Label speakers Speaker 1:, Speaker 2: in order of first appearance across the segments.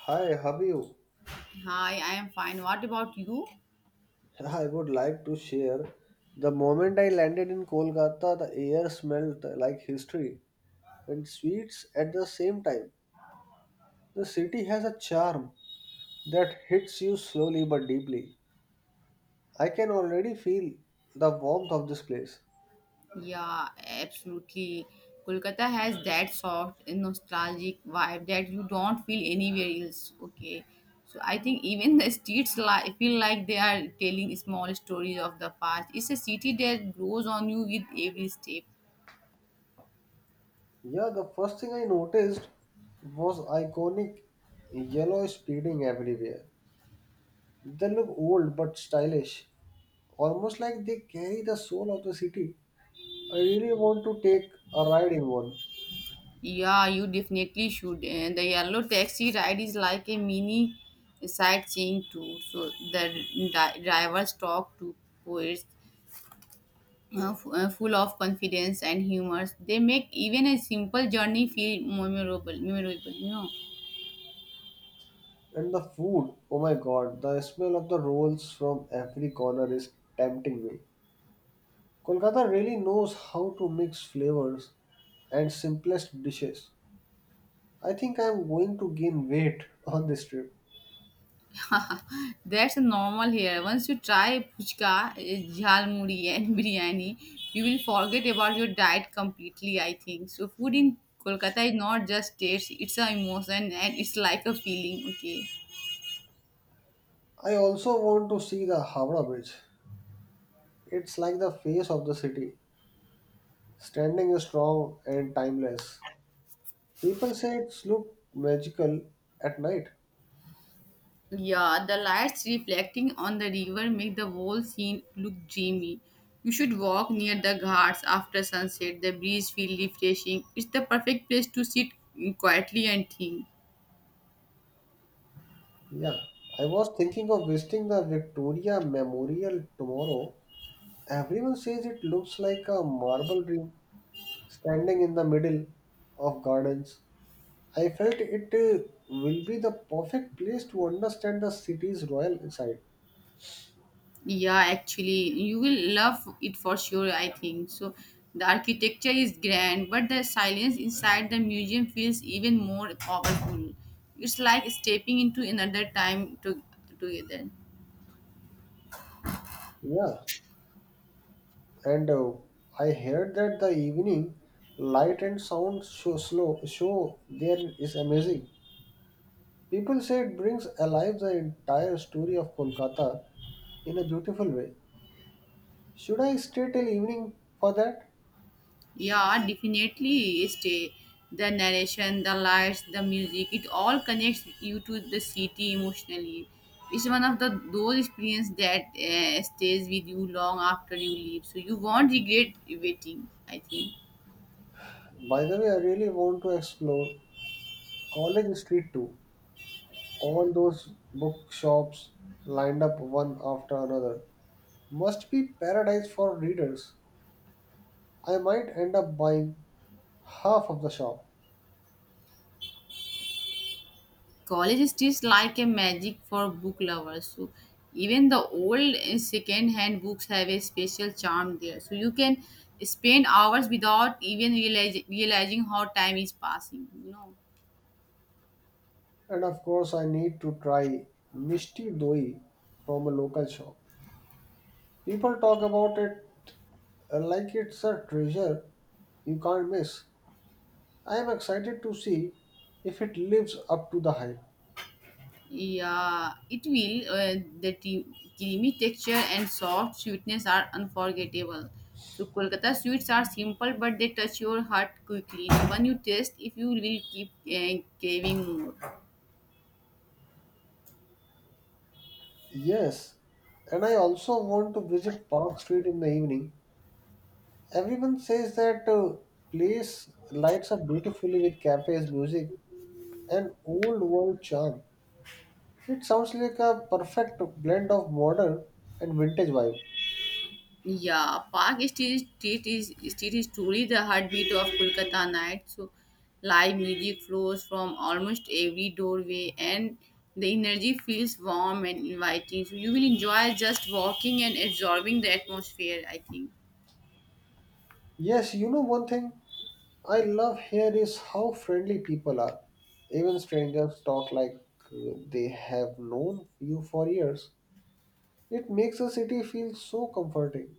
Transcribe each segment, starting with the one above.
Speaker 1: Hi, how are you?
Speaker 2: Hi, I am fine. What about you?
Speaker 1: I would like to share. The moment I landed in Kolkata, the air smelled like history and sweets at the same time. The city has a charm that hits you slowly but deeply. I can already feel the warmth of this place.
Speaker 2: Yeah, absolutely. Kolkata has that soft, nostalgic vibe that you don't feel anywhere else. Okay. So I think even the streets feel like they are telling small stories of the past. It's a city that grows on you with every step.
Speaker 1: Yeah, the first thing I noticed was iconic yellow speeding everywhere. They look old but stylish, almost like they carry the soul of the city. I really want to take a ride in one.
Speaker 2: Yeah, you definitely should. And the yellow taxi ride is like a mini sightseeing tour. So the drivers talk to poets full of confidence and humor. They make even a simple journey feel memorable. Memorable.
Speaker 1: And the food, oh my god, the smell of the rolls from every corner is tempting me. Kolkata really knows how to mix flavors and simplest dishes. I think I am going to gain weight on this trip.
Speaker 2: That's normal here. Once you try puchka, jhal muri, and biryani, you will forget about your diet completely. I think so. Food in Kolkata is not just taste; it's an emotion and it's like a feeling. Okay.
Speaker 1: I also want to see the Howrah Bridge. It's like the face of the city, standing strong and timeless. People say it's look magical at night.
Speaker 2: Yeah, the lights reflecting on the river make the whole scene look dreamy. You should walk near the ghats after sunset. The breeze feels refreshing. It's the perfect place to sit quietly and think.
Speaker 1: Yeah, I was thinking of visiting the Victoria Memorial tomorrow. Everyone says it looks like a marble dream standing in the middle of gardens. I felt it will be the perfect place to understand the city's royal side.
Speaker 2: Yeah, actually, you will love it for sure, I think. So, the architecture is grand, but the silence inside the museum feels even more powerful. It's like stepping into another time to, together.
Speaker 1: Yeah, and I heard that the evening light and sound show slow show there is amazing. People say it brings alive the entire story of Kolkata in a beautiful way. Should I stay till evening for that?
Speaker 2: Yeah, definitely. Stay the, narration, the lights, the music, it all connects you to the city emotionally. It's one of the those experience that stays with you long after you leave. So you won't regret waiting. I think
Speaker 1: By the way, I really want to explore College Street too. All those bookshops lined up one after another must be paradise for readers. I might end up buying half of the shop.
Speaker 2: college is just like a magic for book lovers. So even the old second-hand books have a special charm there. So you can spend hours without even realizing how time is passing.
Speaker 1: And of course, I need to try Mishti Doi from a local shop. People talk about it like it's a treasure you can't miss. I am excited to see if it lives up to the hype.
Speaker 2: Yeah, it will. The creamy texture and soft sweetness are unforgettable. So Kolkata sweets are simple, but they touch your heart quickly. The one you taste, if you will keep craving more.
Speaker 1: Yes, and I also want to visit Park Street in the evening. Everyone says that place lights up beautifully with cafes, music, and old world charm. It sounds like a perfect blend of modern and vintage vibe.
Speaker 2: Yeah, Park Street is truly the heartbeat of Kolkata night. So live music flows from almost every doorway, and the energy feels warm and inviting. So you will enjoy just walking and absorbing the atmosphere. I think.
Speaker 1: Yes, you know one thing I love here is how friendly people are. Even strangers talk like they have known you for years. It makes the city feel so comforting.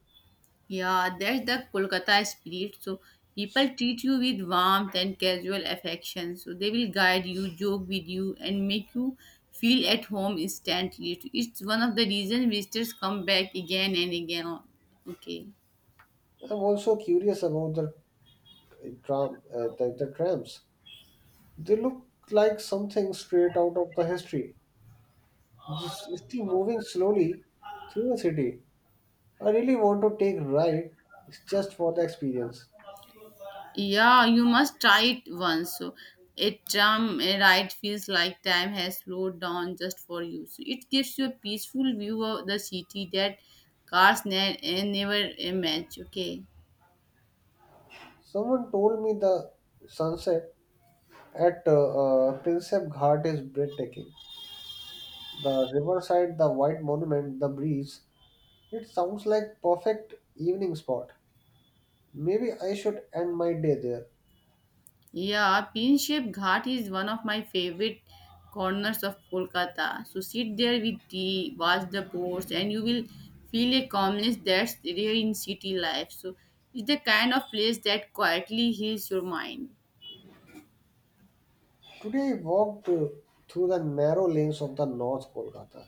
Speaker 2: Yeah, that's the Kolkata spirit. So people treat you with warmth and casual affection. So they will guide you, joke with you, and make you feel at home instantly. So, it's one of the reasons visitors come back again and again. Okay.
Speaker 1: I'm also curious about the trams. They look like something straight out of the history. This is still moving slowly through the city. I really want to take a ride just for the experience.
Speaker 2: Yeah, you must try it once. So a tram ride feels like time has slowed down just for you. So it gives you a peaceful view of the city that cars never match. Okay.
Speaker 1: Someone told me the sunset at Prinsep Ghat is breathtaking. The riverside, the white monument, the breeze. It sounds like perfect evening spot. Maybe I should end my day there.
Speaker 2: Yeah, Pin Shape Ghat is one of my favorite corners of Kolkata. So sit there with tea, watch the boats, and you will feel a calmness that's rare in city life. So it's the kind of place that quietly heals your mind.
Speaker 1: Today, I walked through the narrow lanes of the North Kolkata.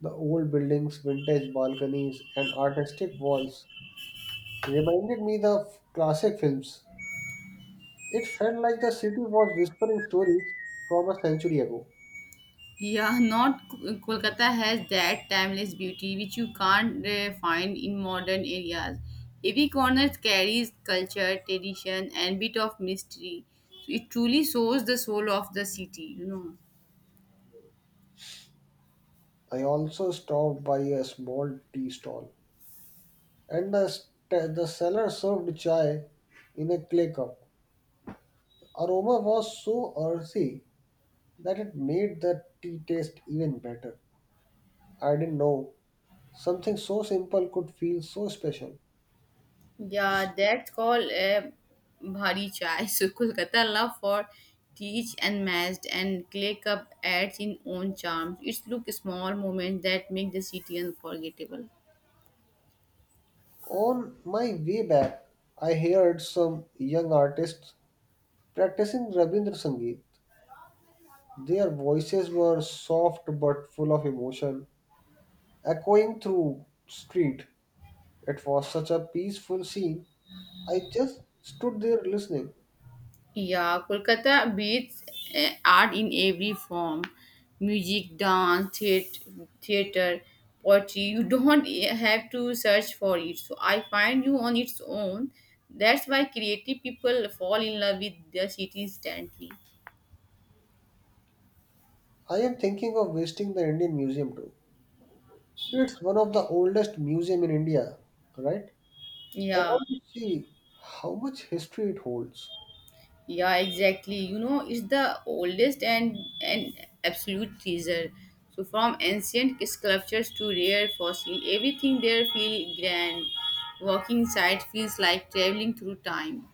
Speaker 1: The old buildings, vintage balconies, and artistic walls reminded me the classic films. It felt like the city was whispering stories from a century ago.
Speaker 2: Yeah, not Kolkata has that timeless beauty which you can't find in modern areas. Every corner carries culture, tradition, and bit of mystery. So it truly shows the soul of the city.
Speaker 1: I also stopped by a small tea stall, and the seller served chai in a clay cup. Aroma was so earthy that it made the tea taste even better. I didn't know something so simple could feel so special.
Speaker 2: Yeah, that's called a bhari chai. So Kolkata love for teach and matched and clay cup adds in own charms. It's look small moments that make the city unforgettable.
Speaker 1: On my way back, I heard some young artists practicing Rabindra Sangeet. Their voices were soft but full of emotion, echoing through street. It was such a peaceful scene. I just stood there listening.
Speaker 2: Yeah, Kolkata beats art in every form. Music, dance, theater, poetry. You don't have to search for it. So I find you on its own. That's why creative people fall in love with the city instantly.
Speaker 1: I am thinking of visiting the Indian Museum too. It's one of the oldest museum in India, right? I
Speaker 2: Yeah.
Speaker 1: want to see how much history it holds.
Speaker 2: Yeah, exactly. You know, it's the oldest and absolute treasure. So from ancient sculptures to rare fossil, everything there feels grand. Walking inside feels like traveling through time.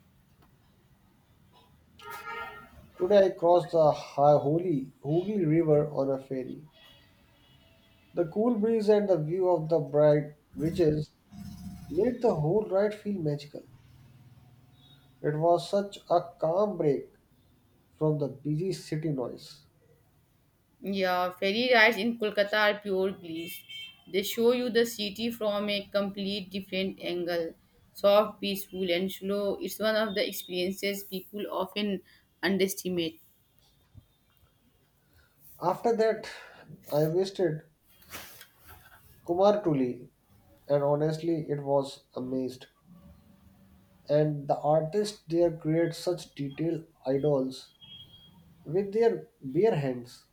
Speaker 1: Today I crossed the Holy Hooghly River on a ferry. The cool breeze and the view of the bright bridges made the whole ride feel magical. It was such a calm break from the busy city noise.
Speaker 2: Yeah, ferry rides in Kolkata are pure bliss. They show you the city from a complete different angle. Soft, peaceful, and slow. It's one of the experiences people often underestimate.
Speaker 1: After that, I visited Kumartuli and honestly it was amazed. And the artists there create such detailed idols with their bare hands.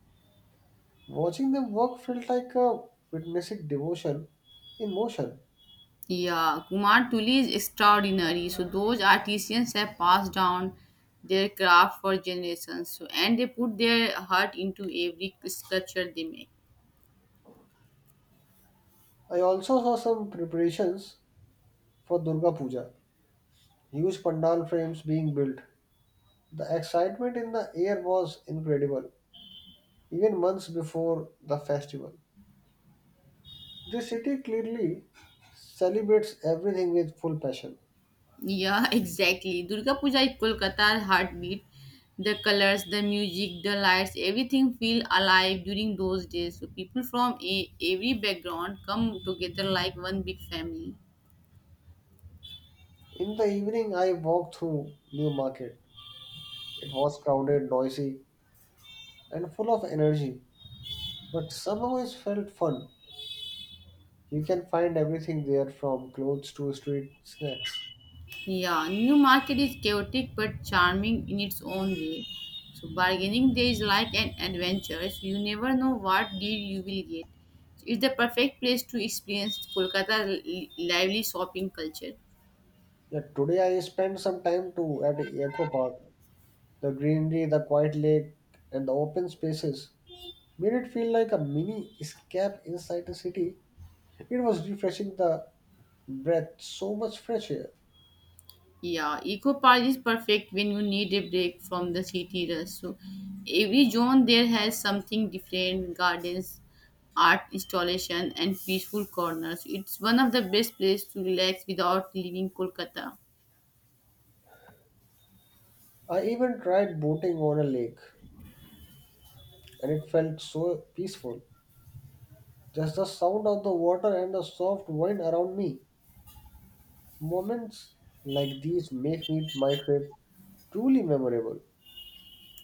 Speaker 1: Watching them work felt like witnessing devotion in motion.
Speaker 2: Yeah, Kumar Tuli is extraordinary. So those artisans have passed down their craft for generations. So and they put their heart into every sculpture they make.
Speaker 1: I also saw some preparations for Durga Puja, huge pandal frames being built. The excitement in the air was incredible, even months before the festival. The city clearly celebrates everything with full passion.
Speaker 2: Yeah, exactly. Durga Puja is Kolkata's heartbeat. The colors, the music, the lights, everything feel alive during those days. So people from every background come together like one big family.
Speaker 1: In the evening, I walked through New Market. It was crowded, noisy, and full of energy, but somehow it felt fun. You can find everything there from clothes to street snacks.
Speaker 2: Yeah, New Market is chaotic but charming in its own way. So bargaining there is like an adventure. So you never know what deal you will get. So, it's the perfect place to experience Kolkata's lively shopping culture.
Speaker 1: Yeah, today I spent some time too at Eco Park. The greenery, the quiet lake, and the open spaces made it feel like a mini escape inside the city. It was refreshing the breath, so much fresh air.
Speaker 2: Yeah, Eco Park is perfect when you need a break from the city rush. So every zone there has something different: gardens, art installation, and peaceful corners. It's one of the best places to relax without leaving Kolkata.
Speaker 1: I even tried boating on a lake, and it felt so peaceful. Just the sound of the water and the soft wind around me. Moments like these make me my trip truly memorable.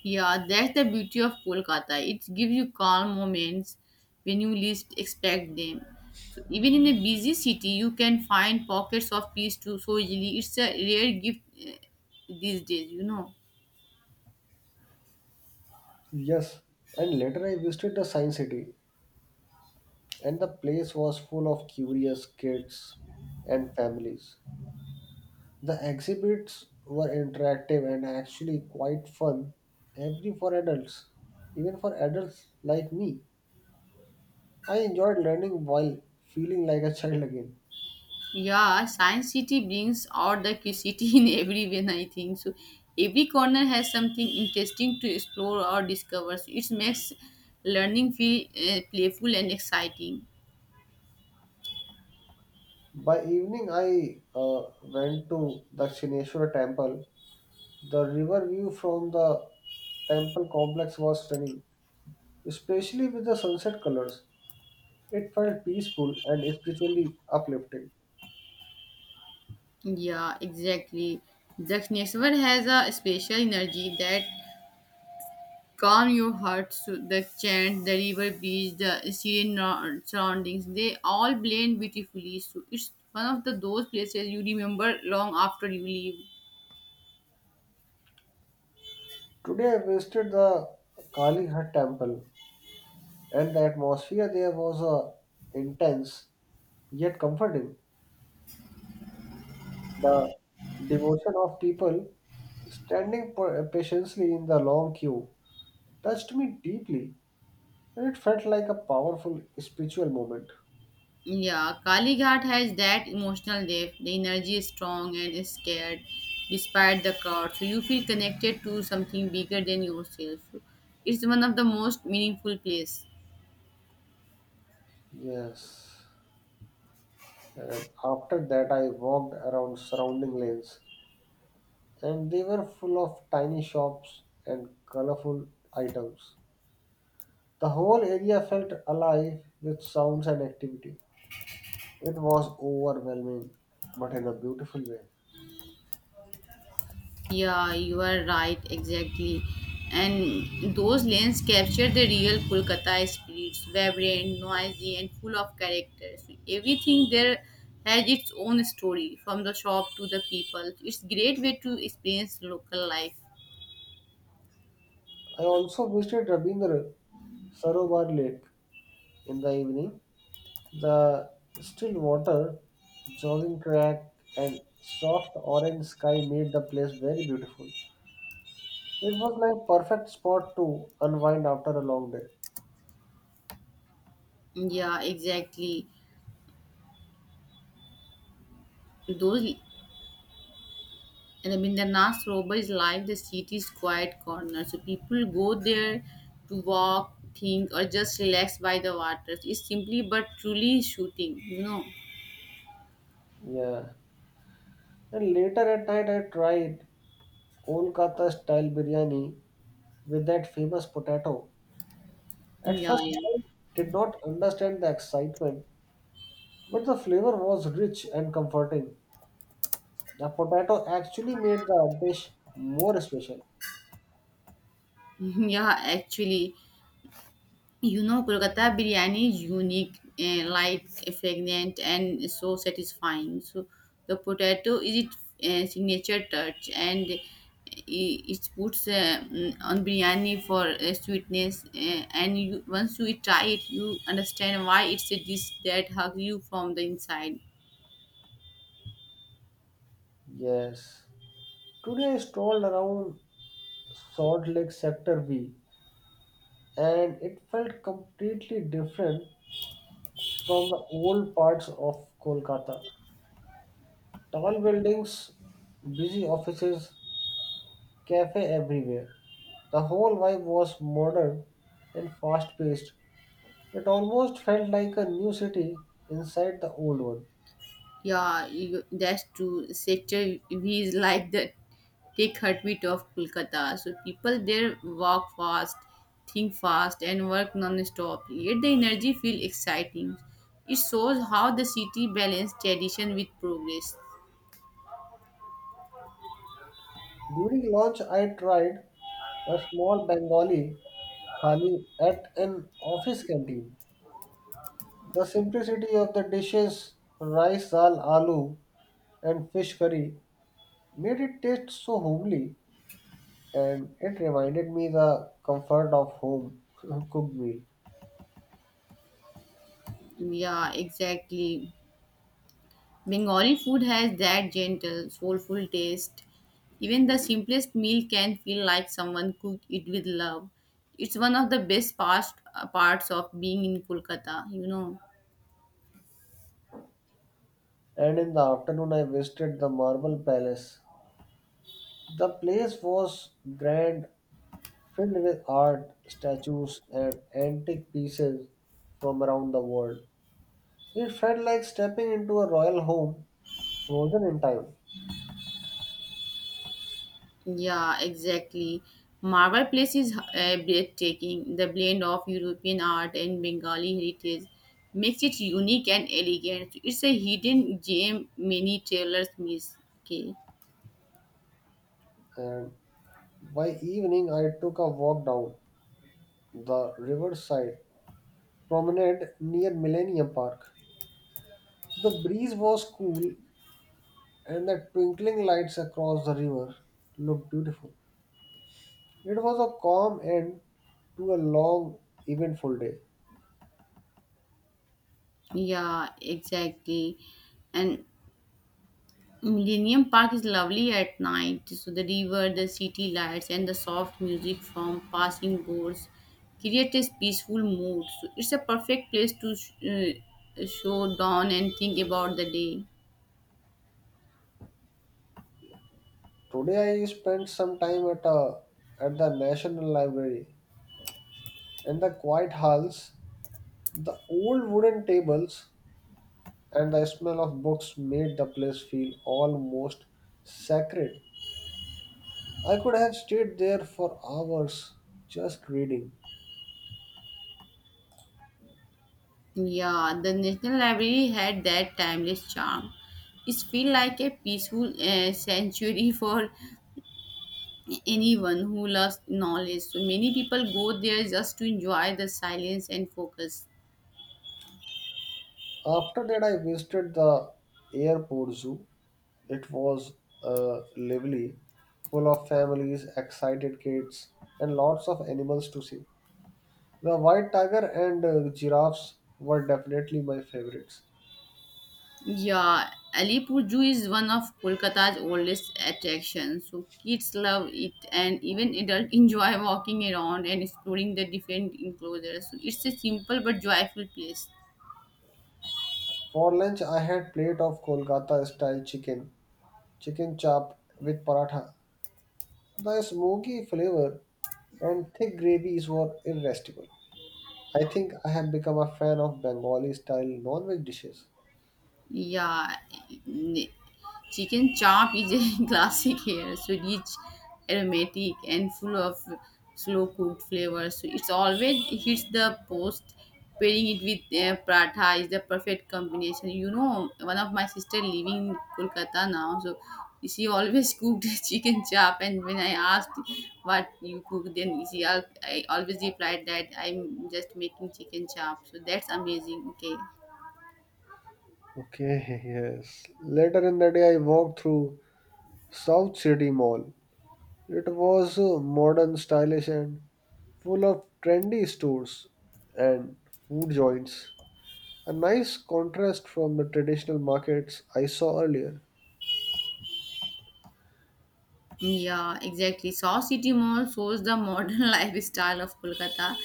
Speaker 2: Yeah, that's the beauty of Kolkata. It gives you calm moments when you least expect them. So even in a busy city, you can find pockets of peace too so easily. It's a rare gift these days.
Speaker 1: Yes, and later I visited the Science City, and the place was full of curious kids and families. The exhibits were interactive and actually quite fun, every for adults, even for adults like me. I enjoyed learning while feeling like a child again.
Speaker 2: Yeah, Science City brings out the curiosity in every way, I think. So every corner has something interesting to explore or discover. So it makes learning feel playful and exciting.
Speaker 1: By evening, I went to Dakshineshwar temple. The river view from the temple complex was stunning, especially with the sunset colors. It felt peaceful and spiritually uplifting.
Speaker 2: Yeah, exactly. The Dakshineshwar has a special energy that calm your heart. So the chant, the river beach, the serene surroundings, they all blend beautifully. So it's one of the those places you remember long after you leave.
Speaker 1: Today I visited the Kali temple and the atmosphere there was intense yet comforting. The devotion of people standing patiently in the long queue touched me deeply and it felt like a powerful spiritual moment.
Speaker 2: Yeah, Kalighat has that emotional depth. The energy is strong and is scared despite the crowd. So you feel connected to something bigger than yourself. It's one of the most meaningful place.
Speaker 1: Yes. And after that I walked around surrounding lanes and they were full of tiny shops and colorful items. The whole area felt alive with sounds and activity. It was overwhelming, but in a beautiful way.
Speaker 2: Yeah, you are right, exactly. And those lanes capture the real Kolkata spirits, vibrant, noisy, and full of characters. Everything there has its own story, from the shop to the people. It's great way to experience local life.
Speaker 1: I also visited Rabindra Sarovar Lake in the evening. The still water, jogging track, and soft orange sky made the place very beautiful. It was like perfect spot to unwind after a long day.
Speaker 2: Yeah, exactly. Those Rabindranath Sarovar is like the city's quiet corner. So people go there to walk, think, or just relax by the waters. It's simply but truly shooting.
Speaker 1: Yeah. And later at night I tried Kolkata style biryani with that famous potato. At
Speaker 2: Yeah,
Speaker 1: first,
Speaker 2: yeah.
Speaker 1: I did not understand the excitement, but the flavor was rich and comforting. The potato actually made the dish more special.
Speaker 2: Yeah, actually, Kolkata biryani is unique, light, fragrant, and so satisfying. So, the potato is its signature touch, and it puts on biryani for sweetness. And once you try it, you understand why it's a dish that hugs you from the inside.
Speaker 1: Yes. Today, I strolled around Salt Lake Sector B, and it felt completely different from the old parts of Kolkata. Tall buildings, busy offices, cafe everywhere. The whole vibe was modern and fast paced. It almost felt like a new city inside the old one.
Speaker 2: Yeah, that's true. Sector V is like the take heartbeat of Kolkata. So people there walk fast, think fast, and work non-stop. Yet the energy feels exciting. It shows how the city balances tradition with progress.
Speaker 1: During lunch, I tried a small Bengali thali at an office canteen. The simplicity of the dishes, rice, dal, aloo, and fish curry, made it taste so homely, and it reminded me the comfort of home cooked meal.
Speaker 2: Yeah, exactly. Bengali food has that gentle, soulful taste. Even the simplest meal can feel like someone cooked it with love. It's one of the best parts of being in Kolkata.
Speaker 1: And in the afternoon, I visited the Marble Palace. The place was grand filled with art, statues, and antique pieces from around the world. It felt like stepping into a royal home frozen in time.
Speaker 2: Yeah, exactly. Marble Place is breathtaking. The blend of European art and Bengali heritage makes it unique and elegant. It's a hidden gem many travelers miss. Okay.
Speaker 1: And by evening, I took a walk down the riverside promenade near Millennium Park. The breeze was cool, and the twinkling lights across the river looked beautiful. It was a calm end to a long, eventful day.
Speaker 2: Yeah, exactly. And Millennium Park is lovely at night. So the river, the city lights, and the soft music from passing boats create a peaceful mood. So it's a perfect place to show down and think about the day.
Speaker 1: Today I spent some time at the National Library. In the quiet halls, the old wooden tables, and the smell of books made the place feel almost sacred. I could have stayed there for hours just reading.
Speaker 2: Yeah, the National Library had that timeless charm. It feels like a peaceful sanctuary for anyone who loves knowledge. So many people go there just to enjoy the silence and focus.
Speaker 1: After that, I visited the airport zoo. It was lively, full of families, excited kids, and lots of animals to see. The white tiger and the giraffes were definitely my favorites.
Speaker 2: Yeah, Alipur Zoo is one of Kolkata's oldest attractions. So kids love it, and even adults enjoy walking around and exploring the different enclosures. So it's a simple but joyful place.
Speaker 1: For lunch, I had plate of Kolkata style chicken chop with paratha. The smoky flavor and thick gravies were irresistible. I think I have become a fan of Bengali style non-veg dishes.
Speaker 2: Yeah, n- chicken chop is a classic here. So rich, aromatic, and full of slow cooked flavors. So it's always hits the post. Pairing it with paratha is the perfect combination. You know, one of my sister living in Kolkata now, so she always cooked chicken chop. And when I asked what you cook, then I always replied that I'm just making chicken chop. So that's amazing. Okay.
Speaker 1: Okay, yes. Later in the day, I walked through South City Mall. It was modern, stylish, and full of trendy stores and food joints. A nice contrast from the traditional markets I saw earlier.
Speaker 2: Yeah, exactly. Saw City Mall shows the modern lifestyle of Kolkata.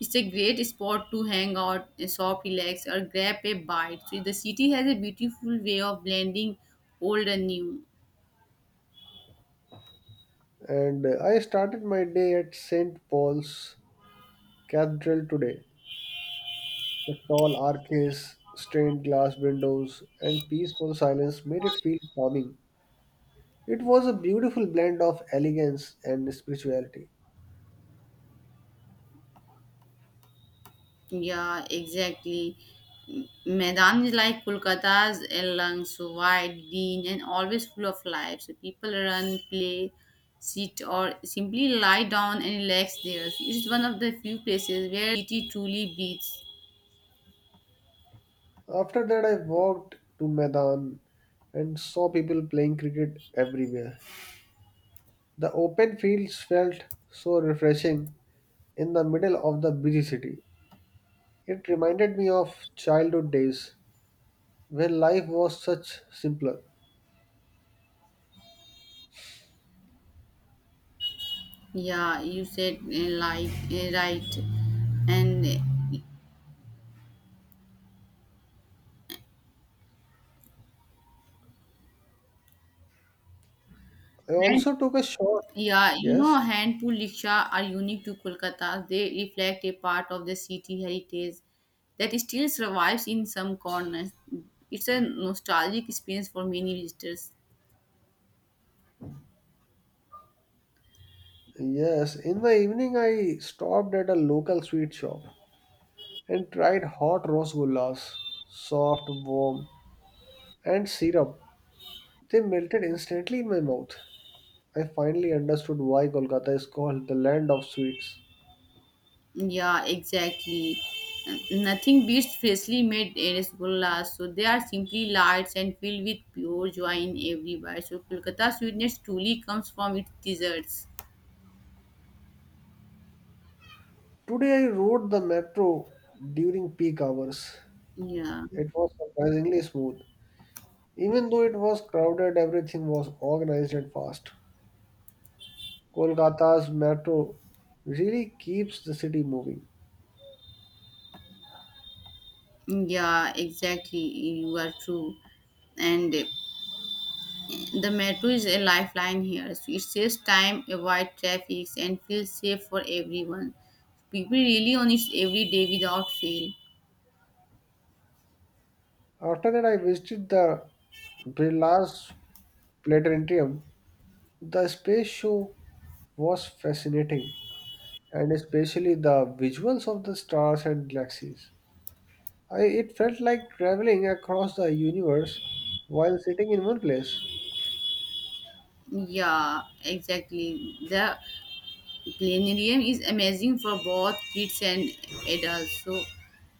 Speaker 2: It's a great spot to hang out, shop, relax, or grab a bite. So the city has a beautiful way of blending old and new.
Speaker 1: And I started my day at St. Paul's Cathedral today. The tall arches, stained glass windows, and peaceful silence made it feel calming. It was a beautiful blend of elegance and spirituality.
Speaker 2: Yeah, exactly. Maidan is like Kolkata's lungs, so wide, green, and always full of life. So people run, play, sit, or simply lie down and relax there. So it's one of the few places where city truly breathes.
Speaker 1: After that, I walked to Maidan and saw people playing cricket everywhere. The open fields felt so refreshing in the middle of the busy city. It reminded me of childhood days when life was such simpler.
Speaker 2: Yeah, you said like right, and
Speaker 1: I
Speaker 2: hand-
Speaker 1: also took a short,
Speaker 2: yeah,
Speaker 1: yes,
Speaker 2: handful rickshaw are unique to Kolkata. They reflect a part of the city heritage that still survives in some corners. It's a nostalgic experience for many visitors.
Speaker 1: yes. In the evening, I stopped at a local sweet shop and tried hot rose gullas, soft, warm, and syrup. They melted instantly in my mouth. I finally understood why Kolkata is called the land of sweets.
Speaker 2: Yeah, exactly. Nothing beats freshly made rasgullas, so they are simply lights and filled with pure joy in every bite. So Kolkata sweetness truly comes from its desserts.
Speaker 1: Today, I rode the metro during peak hours.
Speaker 2: Yeah.
Speaker 1: It was surprisingly smooth. Even though it was crowded, everything was organized and fast. Kolkata's metro really keeps the city moving.
Speaker 2: Yeah, exactly. You are true. And the metro is a lifeline here. So it saves time, avoid traffic, and feels safe for everyone. People really on it every day without fail.
Speaker 1: After that, I visited the Birla's Planetarium. The space show was fascinating, and especially the visuals of the stars and galaxies. It felt like traveling across the universe while sitting in one place.
Speaker 2: Yeah, exactly. The planetarium is amazing for both kids and adults. So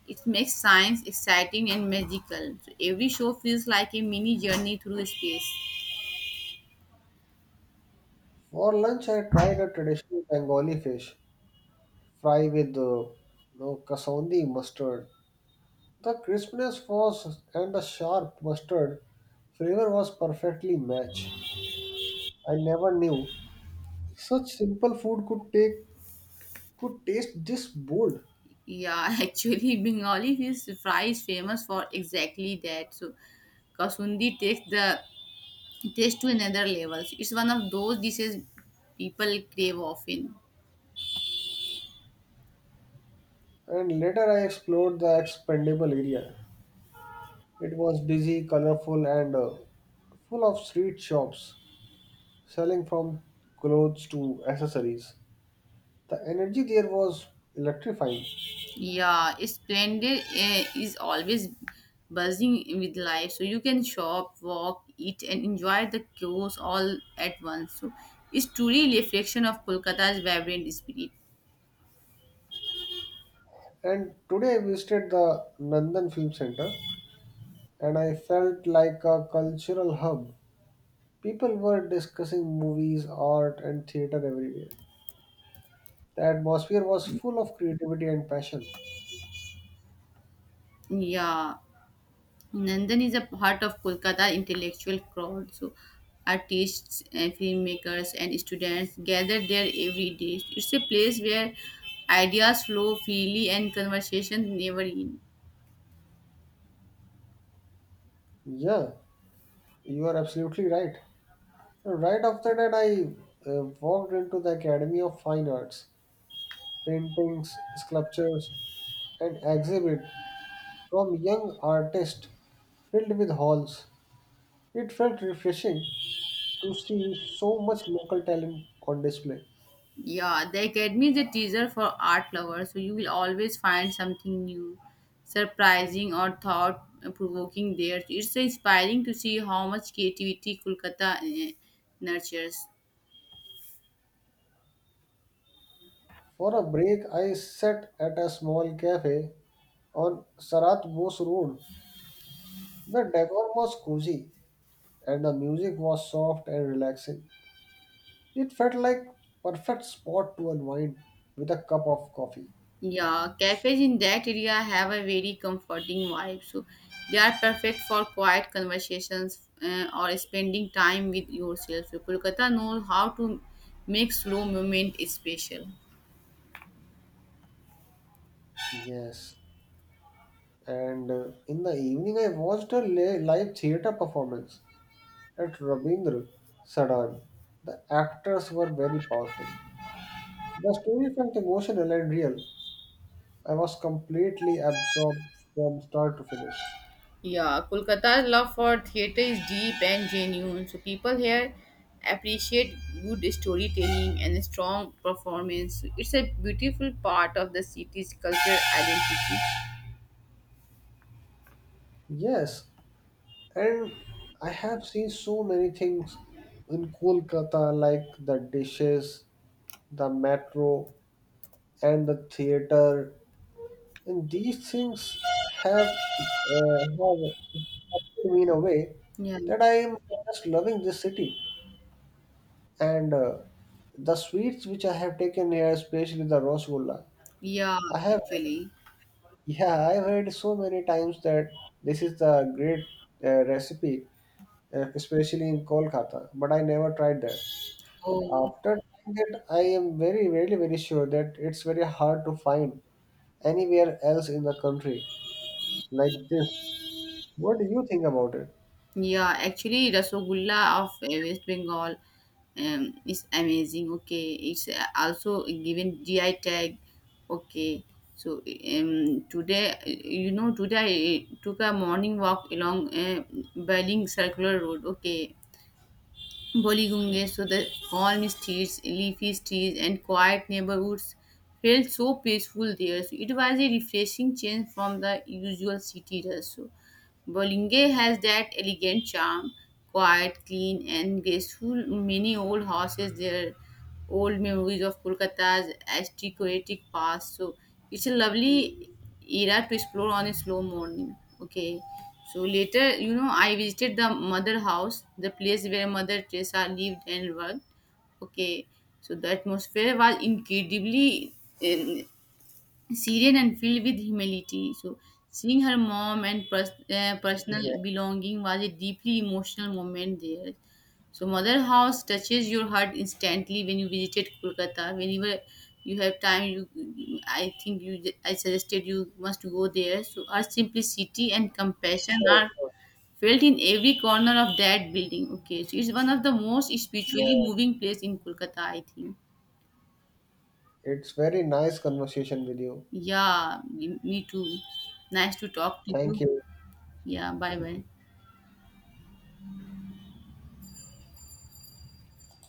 Speaker 2: it makes science exciting and magical. So every show feels like a mini journey through space.
Speaker 1: For lunch, I tried a traditional Bengali fish fry with no, kasundi mustard. The crispness was and the sharp mustard flavor was perfectly matched. I never knew such simple food could taste this bold.
Speaker 2: Yeah, actually, Bengali fish fry is famous for exactly that. So, Kasundi takes the taste to another level. So it's one of those dishes people crave often.
Speaker 1: And later I explored the expendable area. It was busy, colorful, and full of street shops selling from clothes to accessories. The energy there was electrifying.
Speaker 2: Yeah, splendid is always buzzing with life. So you can shop, walk, eat, and enjoy the chaos all at once. So it's truly a reflection of Kolkata's vibrant spirit.
Speaker 1: And today I visited the Nandan Film Center and I felt like a cultural hub. People were discussing movies, art, and theater everywhere. The atmosphere was full of creativity and passion.
Speaker 2: Yeah. Nandan is a part of Kolkata intellectual crowd. So artists and filmmakers and students gather there every day. It's a place where ideas flow freely and conversations never end.
Speaker 1: Yeah, you are absolutely right. Right after that, I walked into the Academy of Fine Arts. Paintings, sculptures, and exhibit from young artists filled with halls. It felt refreshing to see so much local talent on display.
Speaker 2: Yeah, the academy is a teaser for art lovers, so you will always find something new, surprising or thought provoking there. It's inspiring to see how much creativity Kolkata nurtures.
Speaker 1: For a break, I sat at a small cafe on Sarat Bose Road. The decor was cozy and the music was soft and relaxing. It felt like perfect spot to unwind with a cup of coffee.
Speaker 2: Yeah, cafes in that area have a very comforting vibe. So they are perfect for quiet conversations or spending time with yourself. So Kolkata knows how to make slow movement special.
Speaker 1: Yes, and in the evening I watched a live theater performance at Rabindra Sadan. The actors were very powerful. The story felt emotional and real. I was completely absorbed from start to finish.
Speaker 2: Yeah, Kolkata's love for theater is deep and genuine. So people here appreciate good storytelling and strong performance. So it's a beautiful part of the city's cultural identity.
Speaker 1: Yes, and I have seen so many things in Kolkata, like the dishes, the metro, and the theater. And these things have, uh, have affected me in a way
Speaker 2: Yeah,
Speaker 1: that I am just loving this city. And the sweets which I have taken here, especially the Rosgulla,
Speaker 2: yeah,
Speaker 1: I have,
Speaker 2: actually.
Speaker 1: yeah, I've heard so many times that this is the great recipe, especially in Kolkata, but I never tried that. But
Speaker 2: Oh.
Speaker 1: after trying that, I am very, very, very sure that it's very hard to find anywhere else in the country like this. What do you think about it?
Speaker 2: Yeah, actually, Rasogulla of West Bengal is amazing. Okay, it's also given GI tag. Okay, so today, I took a morning walk along Baling Circular Road. Okay, Boligunge, so the calm streets, leafy trees, and quiet neighborhoods felt so peaceful there. So it was a refreshing change from the usual city rush. So Bolinge has that elegant charm, quiet, clean, and graceful. Many old houses there, old memories of Kolkata's aristocratic past. So it's a lovely era to explore on a slow morning. Okay. So later, I visited the mother house, the place where Mother Teresa lived and worked. Okay, so the atmosphere was incredibly um, serene and filled with humility. So seeing her mom and personal
Speaker 1: Yeah,
Speaker 2: belonging was a deeply emotional moment there. So mother house touches your heart instantly when you visited Kolkata. Whenever you have time, you I think you I suggested you must go there. So her simplicity and compassion
Speaker 1: sure,
Speaker 2: are
Speaker 1: sure, sure.
Speaker 2: felt in every corner of that building. Okay, so it's one of the most
Speaker 1: Yeah,
Speaker 2: spiritually moving place in Kolkata, I think.
Speaker 1: it's very nice conversation with you.
Speaker 2: Yeah, me too. Nice to talk to
Speaker 1: Thank
Speaker 2: you.
Speaker 1: you.
Speaker 2: Yeah, bye bye.